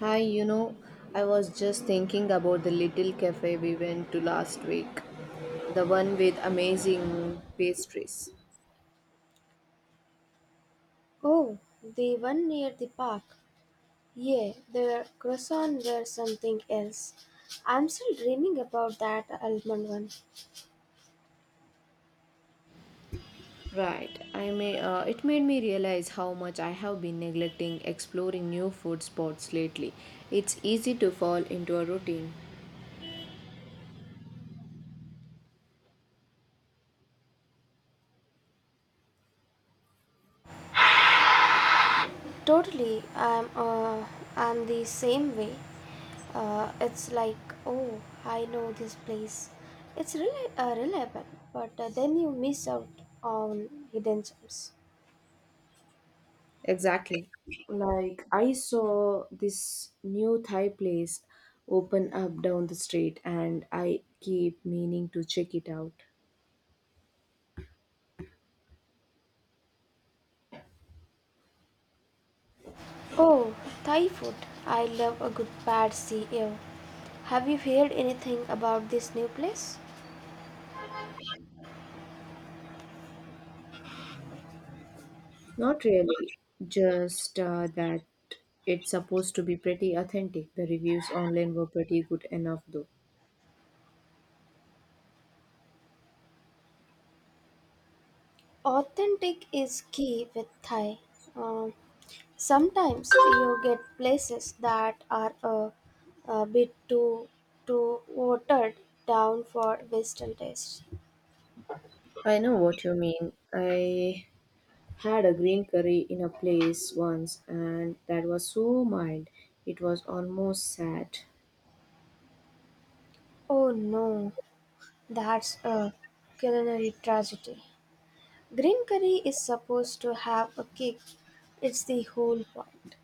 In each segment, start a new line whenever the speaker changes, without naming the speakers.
Hi, you know, I was just thinking about the little cafe we went to last week, the one with amazing pastries.
Oh, the one near the park. Yeah, the croissant were something else. I'm still dreaming about that almond one.
Right, I may. It made me realize how much I have been neglecting exploring new food spots lately. It's easy to fall into a routine.
Totally, I'm the same way. It's like, oh, I know this place. It's really reliable, but then you miss out on hidden gems.
Exactly. Like I saw this new Thai place open up down the street, and I keep meaning to check it out.
Oh, Thai food. I love a good pad see ew. Have you heard anything about this new place?
Not really, just that it's supposed to be pretty authentic. The reviews online were pretty good enough, though.
Authentic is key with Thai. Um, Sometimes you get places that are a bit too watered down for Western taste.
I know what you mean. I had a green curry in a place once, and that was so mild, it was almost sad.
Oh no, that's a culinary tragedy. Green curry is supposed to have a kick. It's the whole point.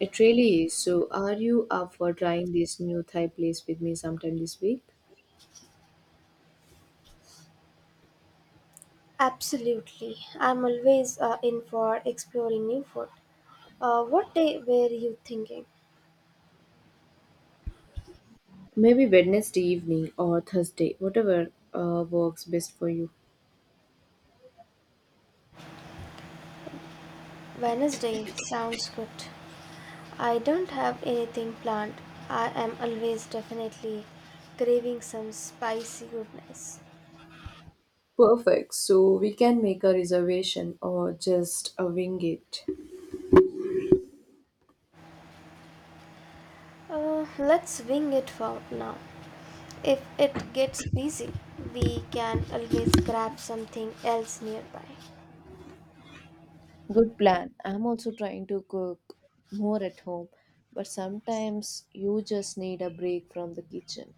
It really is. So, are you up for trying this new Thai place with me sometime this week?
Absolutely, I'm always in for exploring new food. What day were you thinking?
Maybe Wednesday evening or Thursday, whatever works best for you.
Wednesday sounds good. I don't have anything planned. I am always definitely craving some spicy goodness.
Perfect. So we can make a reservation or just wing it.
Let's wing it for now. If it gets busy, we can always grab something else nearby.
Good plan. I'm also trying to cook more at home, but sometimes you just need a break from the kitchen.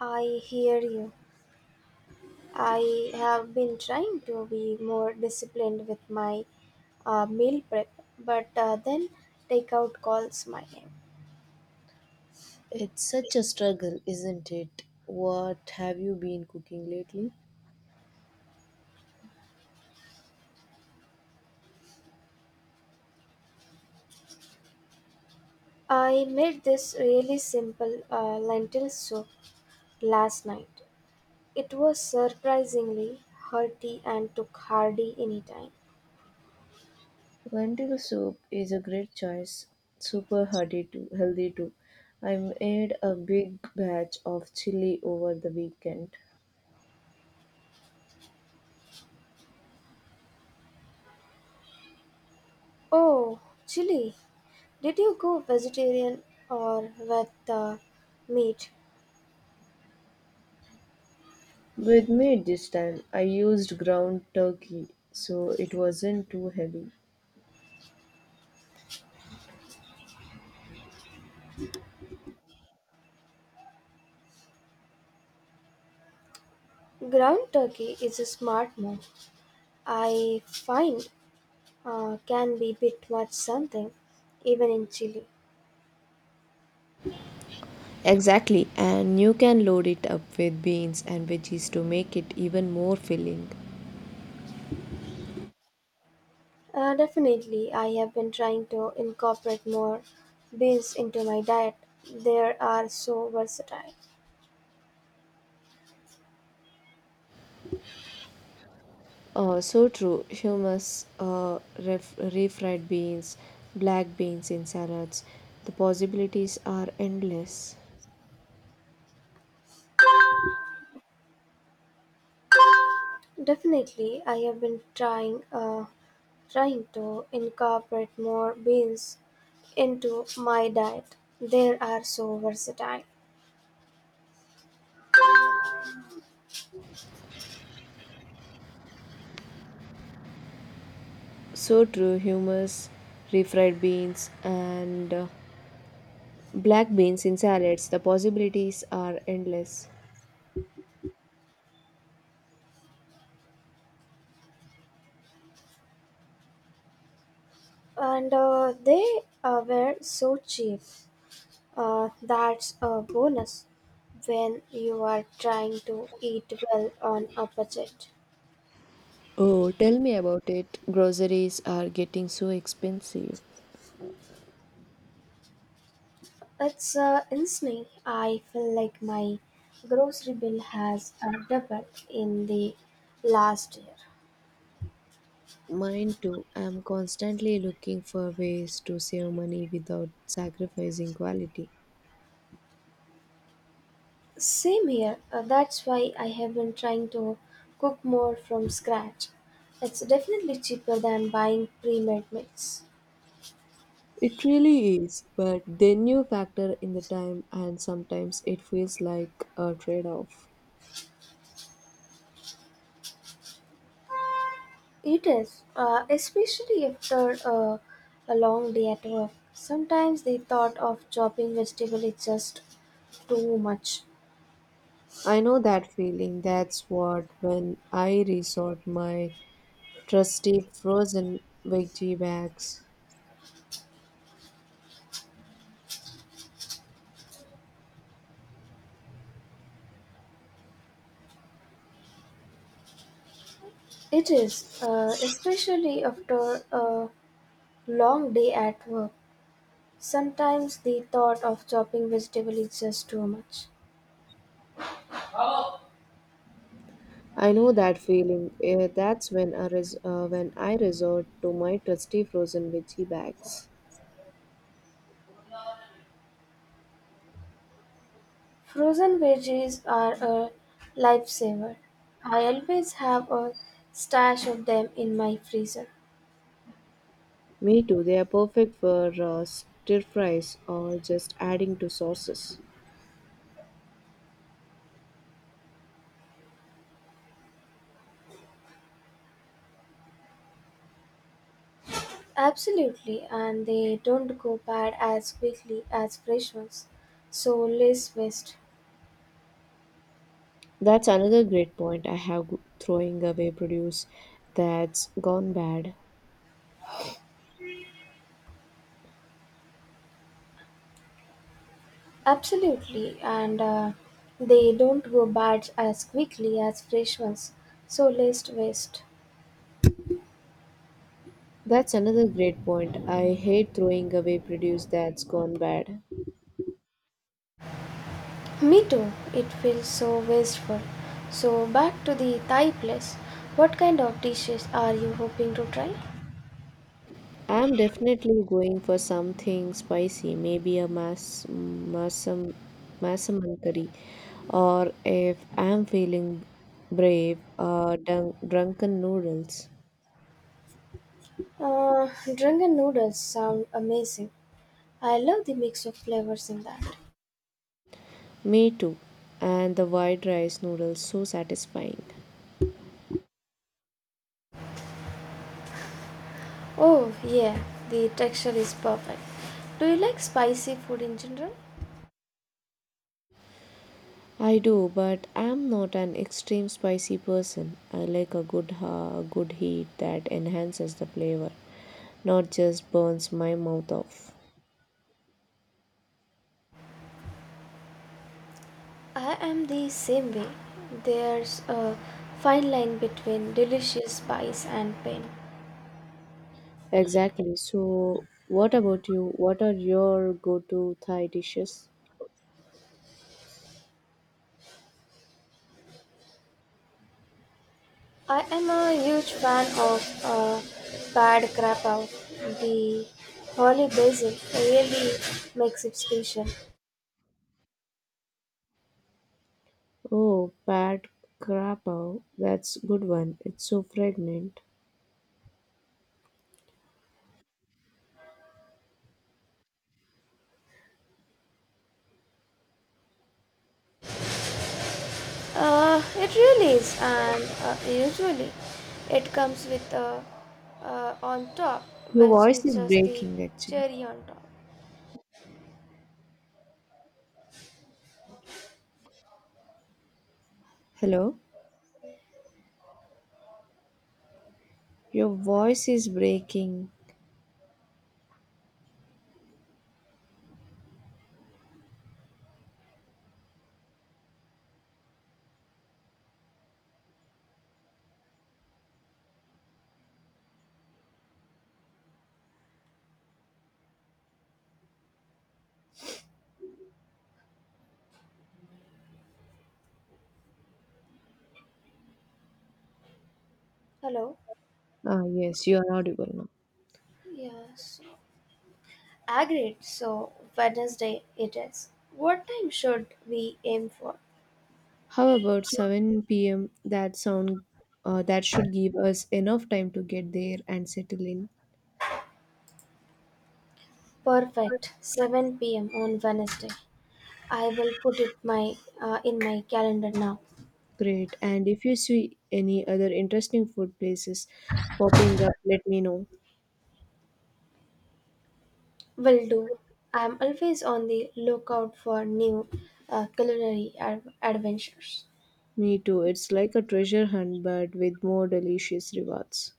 I hear you. I have been trying to be more disciplined with my meal prep, but then takeout calls my name.
It's such a struggle, isn't it? What have you been cooking lately?
I made this really simple lentil soup last night. It was surprisingly hearty and took hardly any time.
Lentil soup is a great choice. Super hearty too, healthy too. I made a big batch of chili over the weekend.
Oh, chili, did you go vegetarian or with meat?
With me this time, I used ground turkey, so it wasn't too heavy.
Ground turkey is a smart move. I find can be bit much something, even in chili.
Exactly, and you can load it up with beans and veggies to make it even more filling.
Definitely, I have been trying to incorporate more beans into my diet. They are so versatile.
So true, hummus, refried beans, black beans in salads. The possibilities are endless.
Definitely, I have been trying to incorporate more beans into my diet. They are so versatile,
So true, hummus, refried beans, and black beans in salads. The possibilities are endless.
and they were so cheap. That's a bonus when you are trying to eat well on a budget.
Oh, tell me about it. Groceries are getting so expensive.
It's insane. I feel like my grocery bill has doubled in the last year.
Mine too. I'm constantly looking for ways to save money without sacrificing quality.
Same here. That's why I have been trying to cook more from scratch. It's definitely cheaper than buying pre-made meals.
It really is, but then you factor in the time, and sometimes it feels like a trade off.
It is, especially after a long day at work. Sometimes the thought of chopping vegetable is just too much.
I know that feeling. That's what when I resort my trusty frozen veggie bags.
It is, especially after long day at work. Sometimes the thought of chopping vegetable is just too much.
I know that feeling. That's when when I resort to my trusty frozen veggie bags.
Frozen veggies are a lifesaver. I always have a stash of them in my freezer.
Me too, they are perfect for stir fries or just adding to sauces.
Absolutely, and they don't go bad as quickly as fresh ones, so less waste.
That's another great point throwing away produce that's gone bad.
Absolutely, and they don't go bad as quickly as fresh ones, so less waste.
That's another great point. I hate throwing away produce that's gone bad.
Me too. It feels so wasteful. So back to the Thai place. What kind of dishes are you hoping to try?
I'm definitely going for something spicy, maybe a masaman curry, or if I'm feeling brave, drunken noodles.
Uh, Drunken noodles sound amazing. I love the mix of flavors in that.
Me too, and the white rice noodles so satisfying.
Oh yeah, the texture is perfect. Do you like spicy food in general?
I do, but I'm not an extreme spicy person. I like a good heat that enhances the flavor, not just burns my mouth off.
I am the same way. There's a fine line between delicious spice and pain.
Exactly. So, what about you? What are your go-to Thai dishes?
I am a huge fan of pad krapao. The holy basil really makes it special.
Oh, pad krapao. That's good one. It's so fragrant.
It really is, and usually it comes with on top,
Your
which
voice
is
is
just the
breaking actually.
cherry on top.
Hello? Your voice is breaking.
Hello.
Ah, yes, you are audible now.
Yeah. So agreed. So Wednesday it is. What time should we aim for?
How about 7 p.m.? That sound that should give us enough time to get there and settle in.
Perfect. 7 p.m. on Wednesday. I will put it my in my calendar now.
Great. And if you see any other interesting food places popping up, let me know.
Will do. I am always on the lookout for new culinary adventures.
Me too. It's like a treasure hunt, but with more delicious rewards.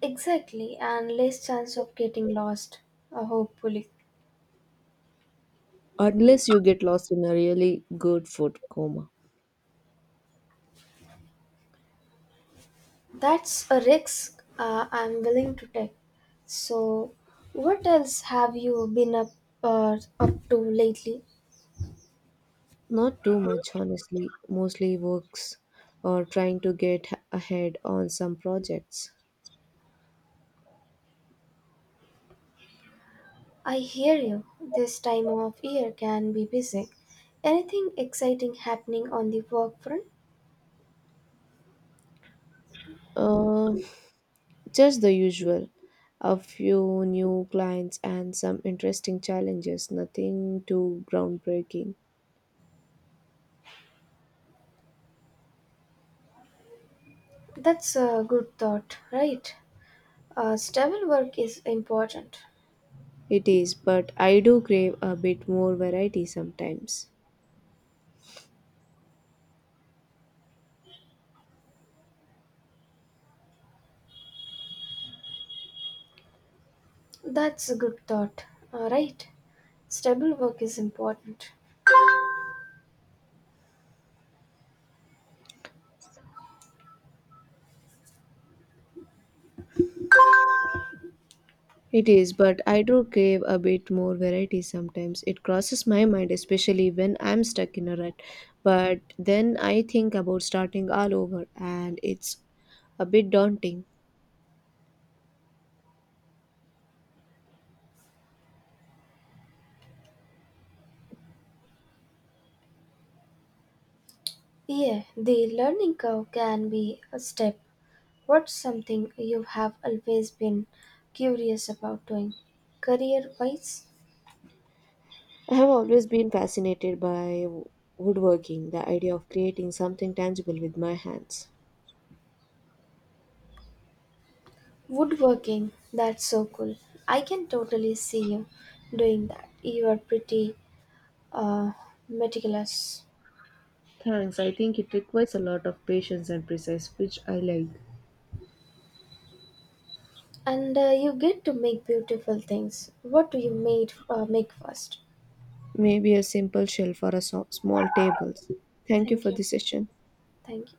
Exactly, and less chance of getting lost, hopefully.
Unless you get lost in a really good food coma.
That's a risk I'm willing to take. So, what else have you been up to lately?
Not too much, honestly. Mostly works or trying to ahead on some projects.
I hear you. This time of year can be busy. Anything exciting happening on the work front?
Uh, just the usual. A few new clients and some interesting challenges. Nothing too groundbreaking.
That's a good thought, right? Stable work is important.
It is, but I do crave a bit more variety sometimes.
That's a good thought, right? Stable work is important.
It is, but I do crave a bit more variety sometimes. It crosses my mind, especially when I'm stuck in a rut. But then I think about starting all over, and it's a bit daunting.
Yeah, the learning curve can be a step. What's something you have always been curious about doing? Career wise?
I have always been fascinated by woodworking, the idea of creating something tangible with my hands.
Woodworking, that's so cool. I can totally see you doing that. You are pretty uh, meticulous.
Thanks, I think it requires a lot of patience and precise, which I like.
And you get to make beautiful things. What do you make first?
Maybe a simple shelf or a small table. Thank you
Thank
for
you.
this session.
Thank you.